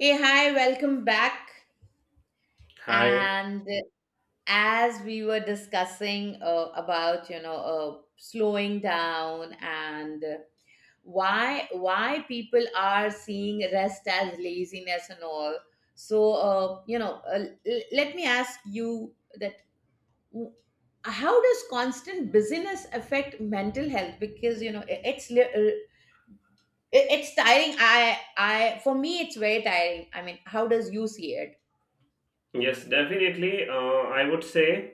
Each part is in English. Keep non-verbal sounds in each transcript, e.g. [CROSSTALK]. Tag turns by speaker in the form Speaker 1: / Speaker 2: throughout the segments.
Speaker 1: Hey, hi, welcome back.
Speaker 2: Hi.
Speaker 1: And as we were discussing about, slowing down and why people are seeing rest as laziness and all. Let me ask you that w- how does constant busyness affect mental health? Because, you know, it's tiring. I For me, it's very tiring. I mean, how does you see it?
Speaker 2: Yes, definitely. I would say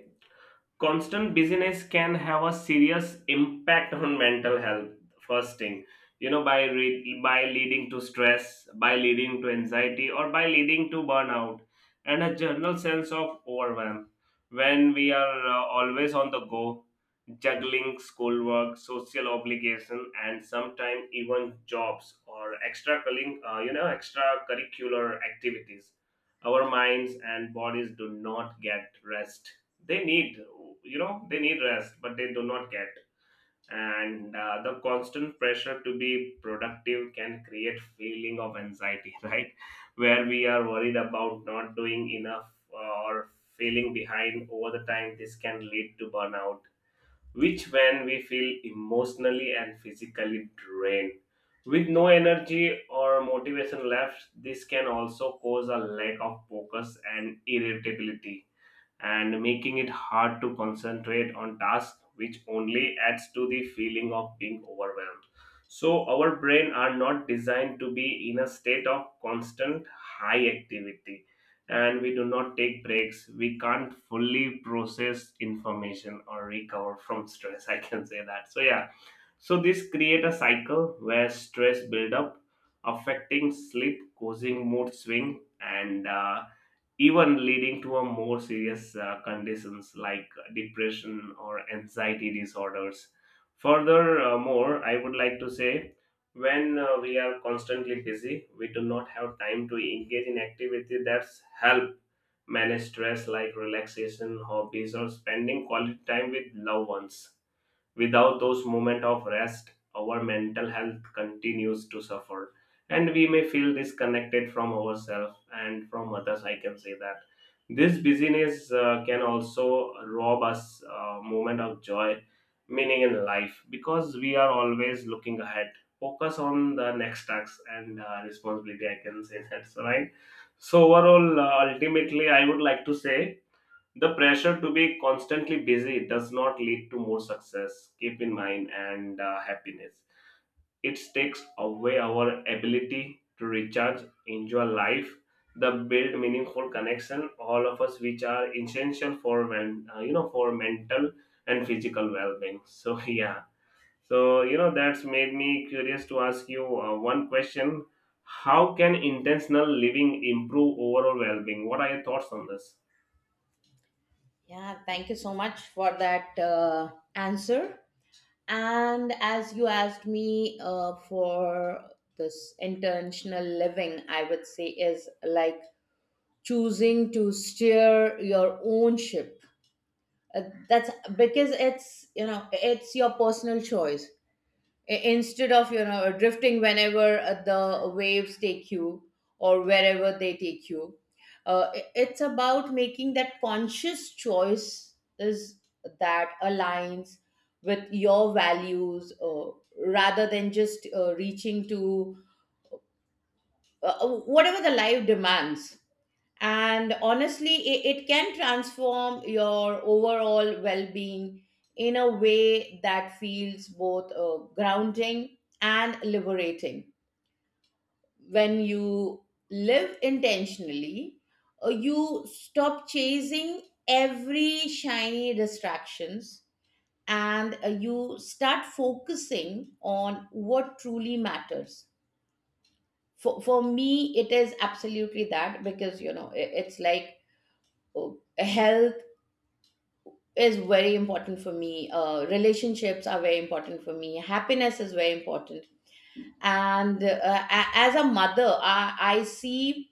Speaker 2: constant busyness can have a serious impact on mental health. First thing, by leading to stress, by leading to anxiety, or by leading to burnout and a general sense of overwhelm. When we are always on the go, juggling schoolwork, social obligation, and sometimes even jobs or extracurricular activities, our minds and bodies do not get rest they need, they need rest but they do not get. And uh, the constant pressure to be productive can create feeling of anxiety, [LAUGHS] right, where we are worried about not doing enough or feeling behind. Over the time this can lead to burnout, which when we feel emotionally and physically drained with no energy or motivation left. This can also cause a lack of focus and irritability, and making it hard to concentrate on tasks, which only adds to the feeling of being overwhelmed. So, our brain are not designed to be in a state of constant high activity, and we do not take breaks. We can't fully process information or recover from stress. I can say that. So, yeah. So, this create a cycle where stress build up, affecting sleep, causing mood swing, and even leading to a more serious conditions like depression or anxiety disorders. Furthermore, I would like to say when we are constantly busy, we do not have time to engage in activity that's help manage stress like relaxation, hobbies, or spending quality time with loved ones. Without those moments of rest, our mental health continues to suffer, and we may feel disconnected from ourselves and from others. I can say that this busyness can also rob us a moment of joy, meaning in life, because we are always looking ahead. Focus on the next task and responsibility. I can say [LAUGHS] that. So, right. So overall, ultimately, I would like to say the pressure to be constantly busy does not lead to more success, keep in mind, and happiness. It takes away our ability to recharge, enjoy life, the build meaningful connection all of us, which are essential for men, you know for mental and physical well-being. So [LAUGHS] yeah, so you know that's made me curious to ask you one question. How can intentional living improve overall well-being? What are your thoughts on this?
Speaker 1: Yeah, thank you so much for that answer. And as you asked me for this intentional living, I would say is like choosing to steer your own ship. Uh, that's because it's it's your personal choice. Instead of you know drifting whenever the waves take you or wherever they take you, it's about making that conscious choice is that aligns with your values, rather than just reaching to whatever the life demands. And honestly it can transform your overall well-being in a way that feels both grounding and liberating. When you live intentionally, you stop chasing every shiny distractions, and you start focusing on what truly matters. For me it is absolutely that, because you know it's like uh, health is very important for me. Relationships are very important for me. Happiness is very important. And as a mother, I see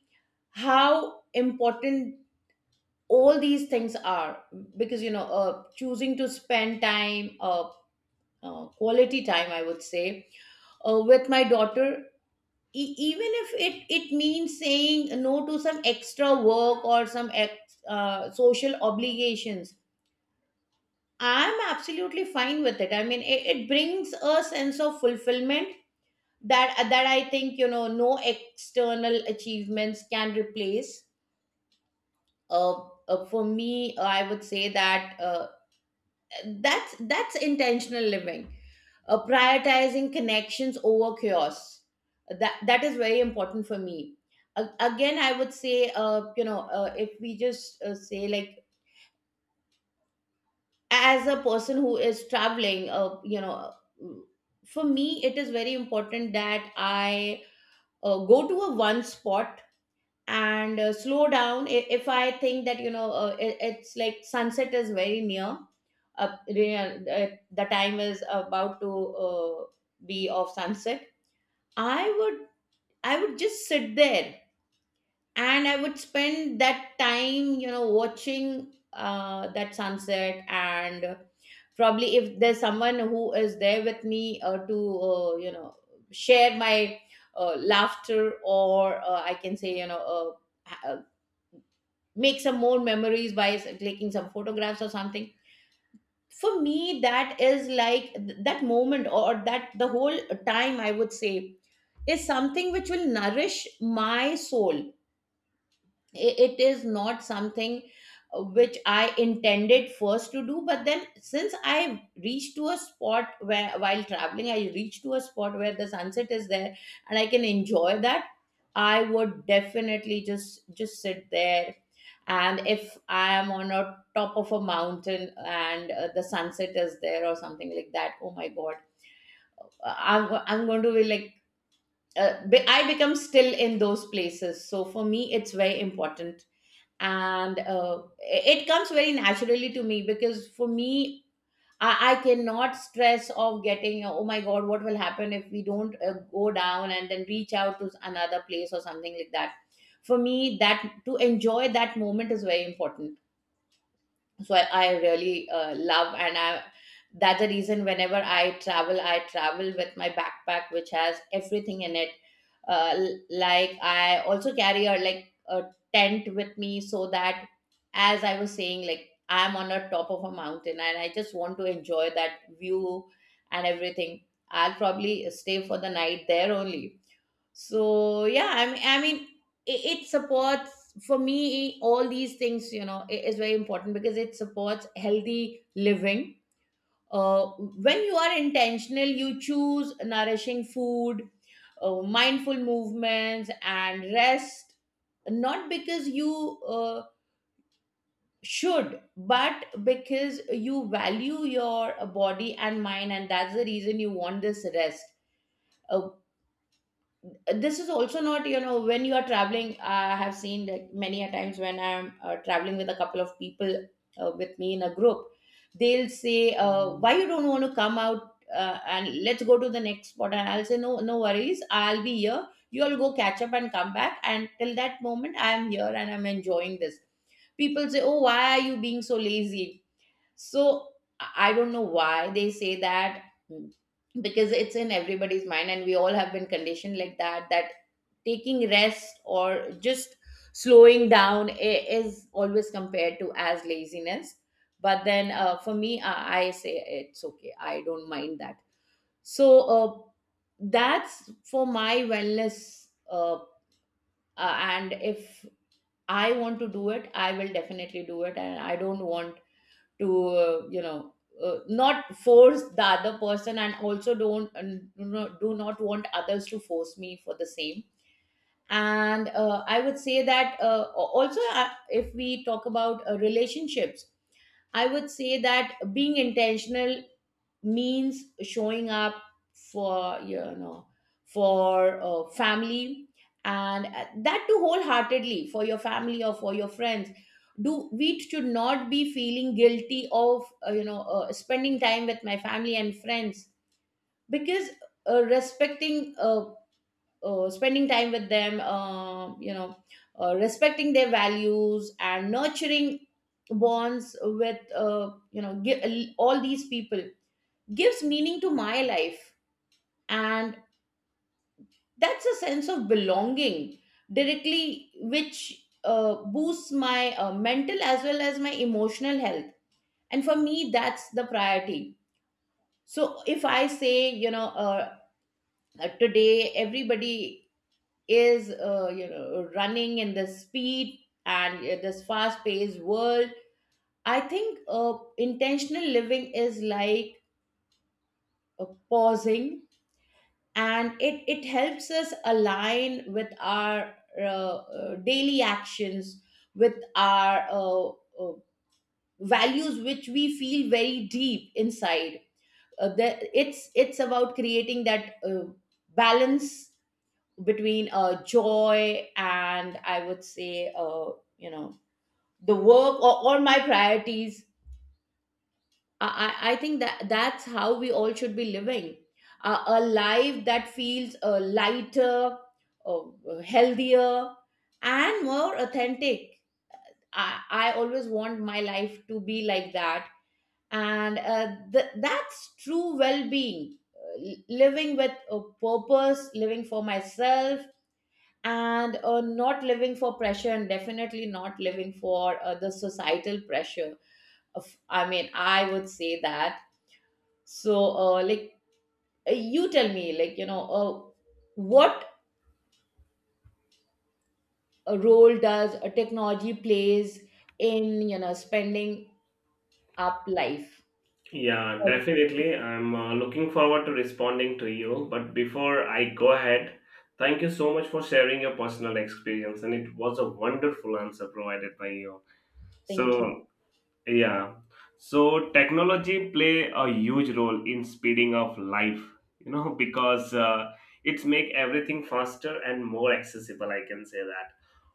Speaker 1: how important all these things are because, you know, choosing to spend time, quality time, I would say, with my daughter. Even if it means saying no to some extra work or some social obligations, I'm absolutely fine with it. I mean, it brings a sense of fulfillment that I think you know no external achievements can replace. For me, I would say that that's intentional living, prioritizing connections over chaos. That is very important for me. Again, I would say, if we just say like as a person who is traveling, you know, for me it is very important that I go to a one spot and slow down. If I think that you know it's like sunset is very near, the time is about to uh, be of sunset, I would I would just sit there, and I would spend that time you know watching that sunset, and probably if there's someone who is there with me, to you know, share my laughter or I can say you know uh, ha- uh, make some more memories by taking some photographs or something. For me that is like that moment or that the whole time, I would say, is something which will nourish my soul. It is not something which I intended first to do, but then since I reached to a spot where while traveling, I reached to a spot where the sunset is there and I can enjoy that, I would definitely just sit there. And if I am on a top of a mountain and the sunset is there or something like that, oh my god, I'm going to be like I become still in those places. So for me, it's very important, and it comes very naturally to me, because for me I cannot stress of getting oh my god what will happen if we don't go down and then reach out to another place or something like that. For me that to enjoy that moment is very important. So I really love and I that's the reason whenever I travel I travel with my backpack which has everything in it. Like I also carry a tent with me, so that as I was saying like I'm on a top of a mountain and I just want to enjoy that view and everything, I'll probably stay for the night there only. So yeah, I mean, it supports for me all these things, you know. Is very important because it supports healthy living. When you are intentional, you choose nourishing food, mindful movements, and rest, not because you should, but because you value your body and mind, and that's the reason you want this rest. Uh, this is also not you know when you are traveling I have seen that many a times when I'm traveling with a couple of people with me in a group, they'll say why you don't want to come out and let's go to the next spot, and I'll say no, no worries, I'll be here, you all go catch up and come back, and till that moment I am here and I'm enjoying this. People say oh why are you being so lazy. So I don't know why they say that. mm, because it's in everybody's mind and we all have been conditioned like that, that taking rest or just slowing down is always compared to as laziness. But then for me I say it's okay, I don't mind that. So uh, that's for my wellness. And if I want to do it, I will definitely do it, and I don't want to not force the other person, and also don't and do not want others to force me for the same. And I would say that also if we talk about relationships, I would say that being intentional means showing up for you know for family, and that too wholeheartedly, for your family or for your friends. Do we should not be feeling guilty of spending time with my family and friends, because respecting spending time with them, respecting their values and nurturing bonds with all these people, gives meaning to my life, and that's a sense of belonging directly, which boosts my mental as well as my emotional health, and for me that's the priority. So if I say you know today everybody is you know running in this speed and this fast paced world, I think intentional living is like uh, pausing, and it helps us align with our daily actions with our uh, values which we feel very deep inside. It's about creating that balance between joy and I would say you know, the work or my priorities. I think that's how we all should be living, a life that feels lighter, uh, healthier, and more authentic. I always want my life to be like that. And that's true well being, living with a purpose, living for myself, and not living for pressure, and definitely not living for the societal pressure. Of, I mean, I would say that. So, you tell me, like, what role does technology plays in, you know, spending up life?
Speaker 2: Yeah,
Speaker 1: Oh,
Speaker 2: definitely. I'm looking forward to responding to you. But before I go ahead, thank you so much for sharing your personal experience. And it was a wonderful answer provided by you.
Speaker 1: thank you.
Speaker 2: So, yeah. So technology play a huge role in speeding up life, you know, [LAUGHS] because it's make everything faster and more accessible, I can say that.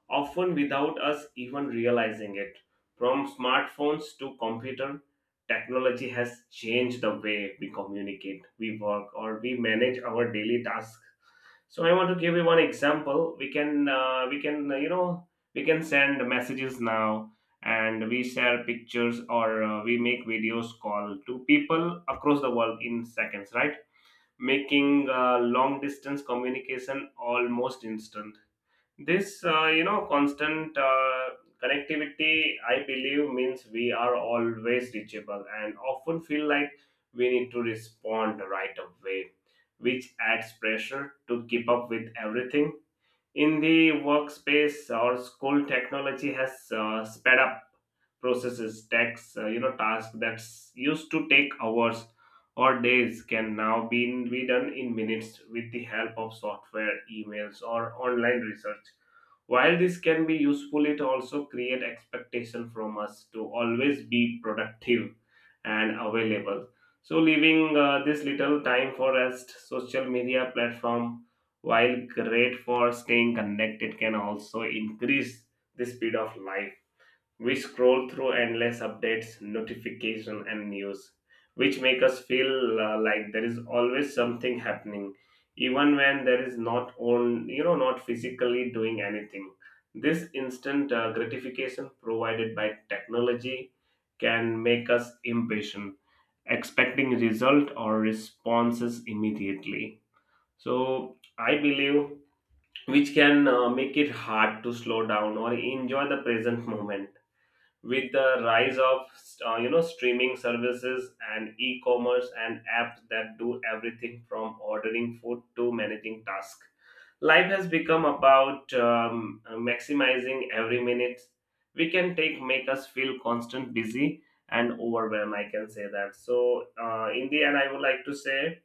Speaker 2: Often without us even realizing it. From smartphones to computer, technology has changed the way we communicate, we work, or we manage our daily tasks. So I want to give you one example. We can send messages now, and we share pictures or we make videos call to people across the world in seconds, right, making long distance communication almost instant. This constant connectivity I believe means we are always reachable and often feel like we need to respond right away, which adds pressure to keep up with everything. In the workspace or school, technology has sped up processes, tasks that used to take hours or days can now be done in minutes with the help of software, emails, or online research. While this can be useful, it also create expectation from us to always be productive and available. So leaving this little time for rest, social media platform, while great for staying connected, can also increase the speed of life. We scroll through endless updates, notification, and news, which make us feel like there is always something happening, even when there is not on, you know, not physically doing anything. This instant gratification provided by technology can make us impatient, expecting result or responses immediately. So I believe which can make it hard to slow down or enjoy the present moment. With the rise of streaming services and e-commerce and apps that do everything from ordering food to managing tasks, life has become about maximizing every minute. We can take make us feel constant busy and overwhelmed, I can say that. So in the end I would like to say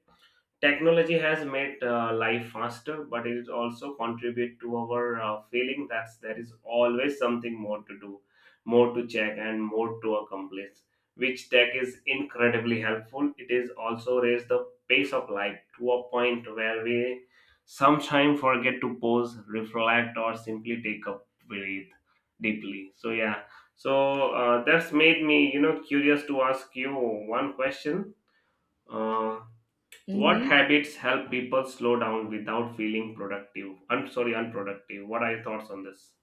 Speaker 2: technology has made life faster, but it is also contribute to our feeling that there is always something more to do, more to check, and more to accomplish. Which tech is incredibly helpful. It is also raised the pace of life to a point where we sometimes forget to pause, reflect, or simply take a breath deeply. So yeah, so that's made me, you know, curious to ask you one question. Uh, what
Speaker 1: Mm-hmm.
Speaker 2: habits help people slow down without feeling productive? I'm sorry, unproductive. What are your thoughts on this?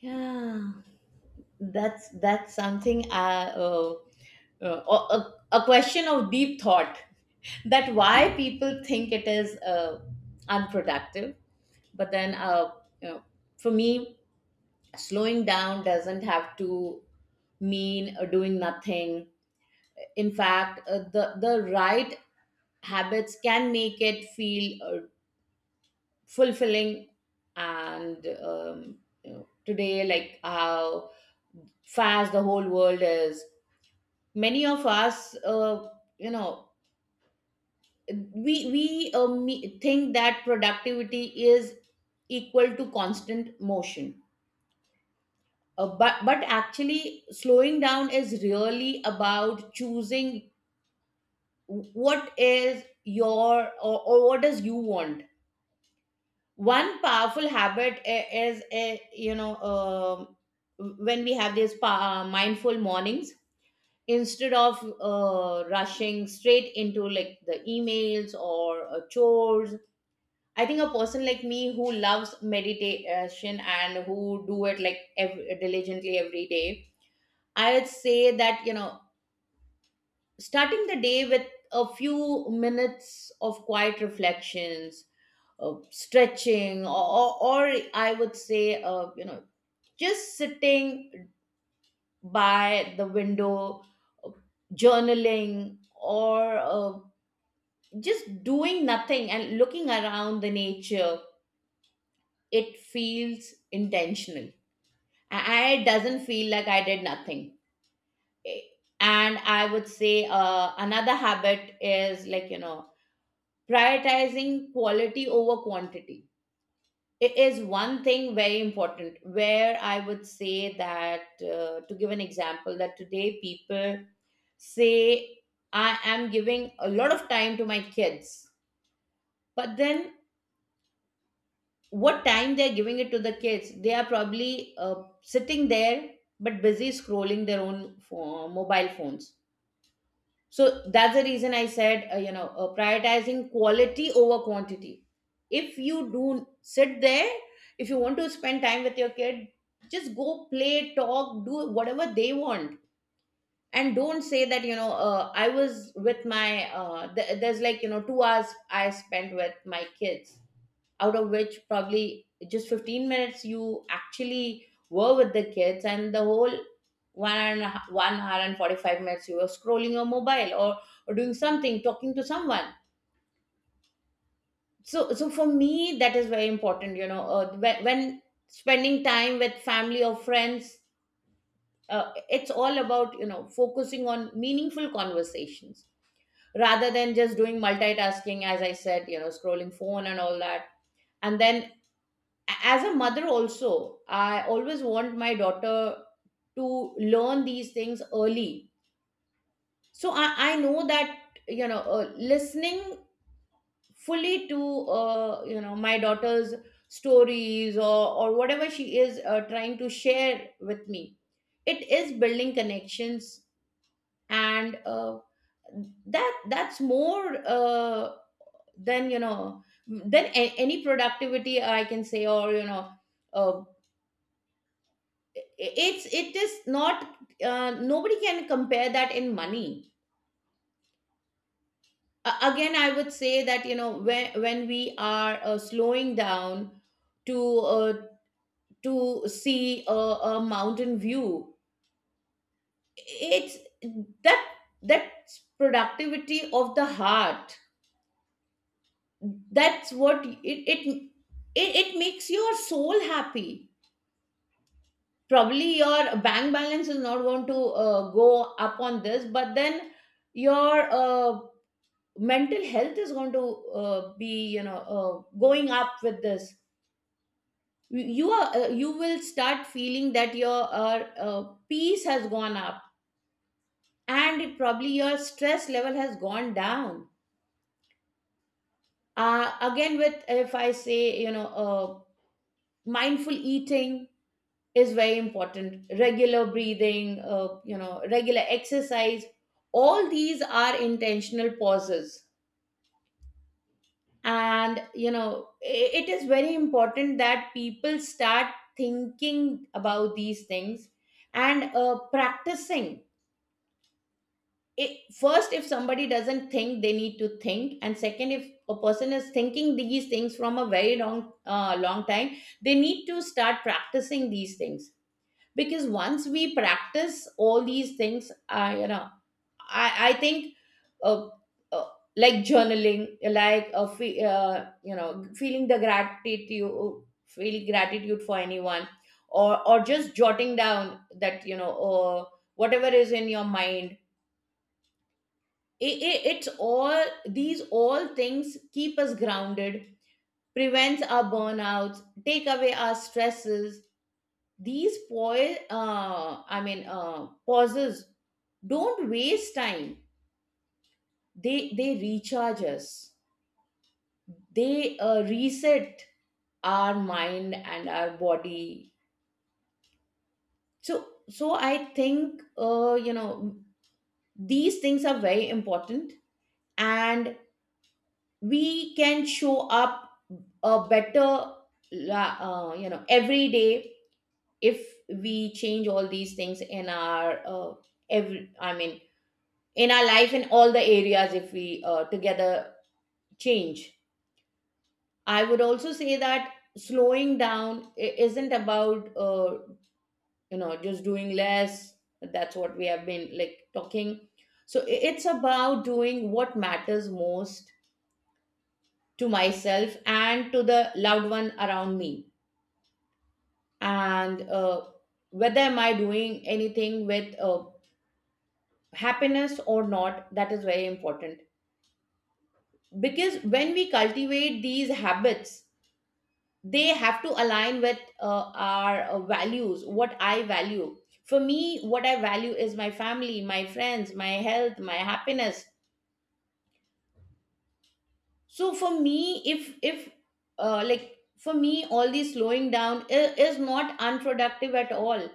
Speaker 1: Yeah, that's something. Uh, uh, a question of deep thought. [LAUGHS] That why people think it is unproductive, but then, you know, for me, slowing down doesn't have to mean doing nothing. In fact the right habits can make it feel fulfilling. And you know, today like how fast the whole world is, many of us you know think that productivity is equal to constant motion. But actually slowing down is really about choosing what is your or what does you want. One powerful habit is a you know when we have these mindful mornings. Instead of rushing straight into like the emails or chores, I think a person like me who loves meditation and who do it like diligently every day, I would say that you know starting the day with a few minutes of quiet reflections, stretching, or I would say you know just sitting by the window, uh, journaling, or just doing nothing and looking around the nature, it feels intentional. I doesn't feel like I did nothing. Eh, and I would say another habit is like you know prioritizing quality over quantity. It is one thing very important, where I would say that, to give an example, that today people say, I am giving a lot of time to my kids. But then, what time they're giving it to the kids? They are probably sitting there but busy scrolling their own mobile phones. So that's the reason I said, prioritizing quality over quantity. If you do sit there, if you want to spend time with your kid, just go play, talk, do whatever they want. And don't say that, I was with my, there's like 2 hours I spent with my kids, out of which probably just 15 minutes you actually were with the kids, and the whole 1 hour and 45 minutes you were scrolling your mobile, or doing something, talking to someone. So for me that is very important, you know, when spending time with family or friends, it's all about, you know, focusing on meaningful conversations rather than just doing multitasking. As I said, you know, scrolling phone and all that. And then, as a mother also, I always want my daughter to learn these things early. I know that, you know, listening fully to, you know, my daughter's stories, or whatever she is trying to share with me, it is building connections. And that's more, than you know than a- any productivity, I can say, or you know uh, it is not, nobody can compare that in money. Again, I would say that, you know, when we are slowing down to, to see a mountain view, it's that, that's productivity of the heart. That's what it makes your soul happy. Probably your bank balance is not going to go up on this, but then your, mental health is going to, be, you know, going up with this. You are, you will start feeling that your, peace has gone up, and it, probably your stress level has gone down. Again, with, if I say, you know, mindful eating is very important, regular breathing, you know, regular exercise. All these are intentional pauses. And, you know, it is very important that people start thinking about these things and practicing it. First, if somebody doesn't think, they need to think. And second, if a person is thinking these things from a very long time, they need to start practicing these things. Because once we practice all these things, you know, I think, uh, uh, like journaling, like, you know, feeling the gratitude, feeling gratitude for anyone, or just jotting down that, you know, whatever is in your mind. It's all these, all things keep us grounded, prevents our burnouts, take away our stresses. These pauses don't waste time. They recharge us. They, reset our mind and our body. So I think, you know, these things are very important, and we can show up a better, you know, every day, if we change all these things in our, every I mean in our life, in all the areas, if we together change. I would also say that slowing down isn't about, you know, just doing less. That's what we have been like talking. So it's about doing what matters most to myself and to the loved one around me. And, whether am I doing anything with, happiness or not, that is very important. Because when we cultivate these habits, they have to align with, our values. What I value, for me, what I value is my family, my friends, my health, my happiness. So for me, if like, for me, all the slowing down is not unproductive at all.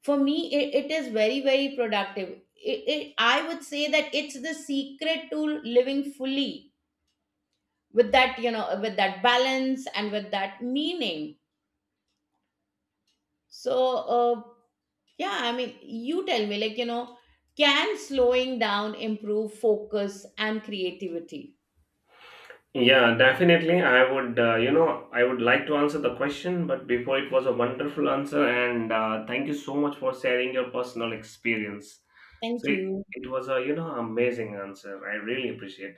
Speaker 1: For me it is very, very productive. I would say that it's the secret to living fully, with that, you know, with that balance and with that meaning. So, yeah, I mean, you tell me, like, you know, can slowing down improve focus and creativity?
Speaker 2: Yeah, definitely. I would, I would like to answer the question, but before it was a wonderful answer, and thank you so much for sharing your personal experience.
Speaker 1: Thank
Speaker 2: So it,
Speaker 1: you.
Speaker 2: it was a, you know, amazing answer. I really appreciate.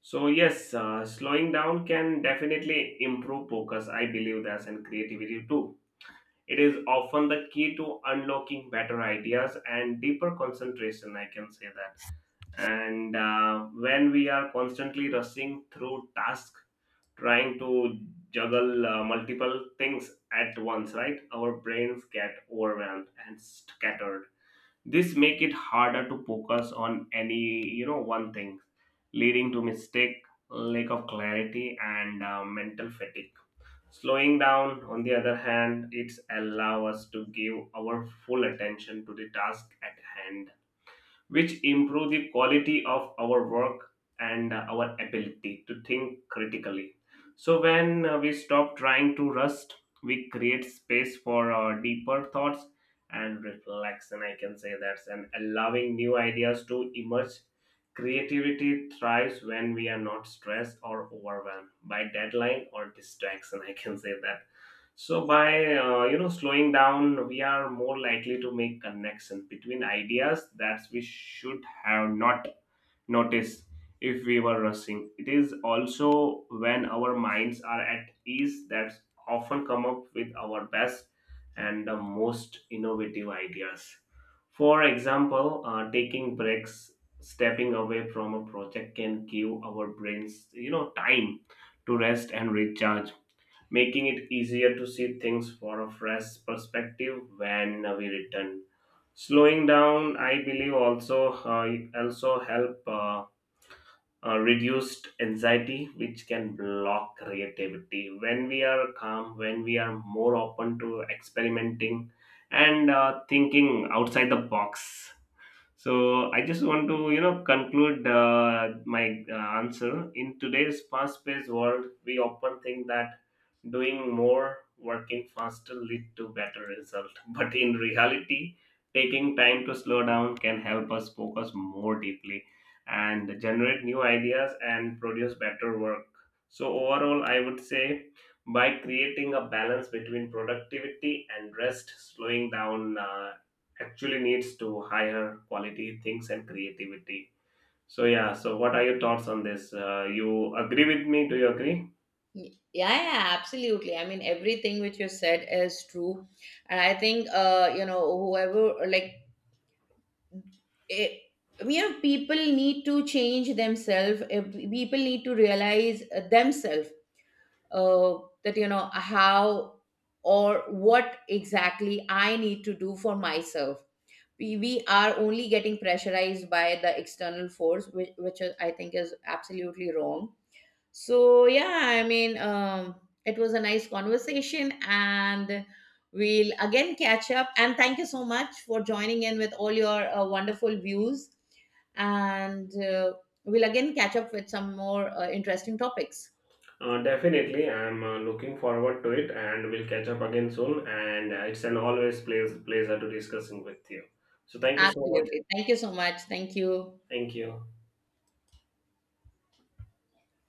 Speaker 2: So yes, slowing down can definitely improve focus. I believe that, and creativity too. It is often the key to unlocking better ideas and deeper concentration, I can say that. And when we are constantly rushing through tasks, trying to juggle multiple things at once, right? Our brains get overwhelmed and scattered. This make it harder to focus on any, you know, one thing, leading to mistake, lack of clarity, and mental fatigue. Slowing down, on the other hand, it allows us to give our full attention to the task at hand, which improve the quality of our work and our ability to think critically. So when we stop trying to rust, we create space for deeper thoughts and reflection, I can say that's, and allowing new ideas to emerge. Creativity thrives when we are not stressed or overwhelmed by deadline or distraction, I can say that. So by slowing down, we are more likely to make connection between ideas that we should have not noticed if we were rushing. It is also when our minds are at ease that often come up with our best and the most innovative ideas. For example, taking breaks, stepping away from a project can give our brains, you know, time to rest and recharge, making it easier to see things for a fresh perspective when we return. Slowing down, I believe, also help reduce anxiety, which can block creativity. When we are calm, when we are more open to experimenting and thinking outside the box, so I just want to, you know, conclude my answer. In today's fast-paced world, we often think that doing more, working faster, lead to better result. [LAUGHS] But in reality, taking time to slow down can help us focus more deeply and generate new ideas and produce better work. So overall, I would say by creating a balance between productivity and rest, slowing down. Actually needs to higher quality things and creativity. So yeah, so what are your thoughts on this? You agree with me? Do you agree?
Speaker 1: Yeah, yeah, absolutely. I mean, everything which you said is true. And I think, you know, whoever, like, it, you know, people need to change themselves. People need to realize themselves, uh, that, you know, how or what exactly I need to do for myself. We are only getting pressurized by the external force, which is, I think, is absolutely wrong. So yeah, I mean, it was a nice conversation, and we'll again catch up. And thank you so much for joining in with all your wonderful views. And, we'll again catch up with some more interesting topics.
Speaker 2: Definitely, I'm looking forward to it, and we'll catch up again soon. And it's an always pleasure to discussing with you. So thank you so much.
Speaker 1: Absolutely. Thank you so much. Thank you.
Speaker 2: Thank you.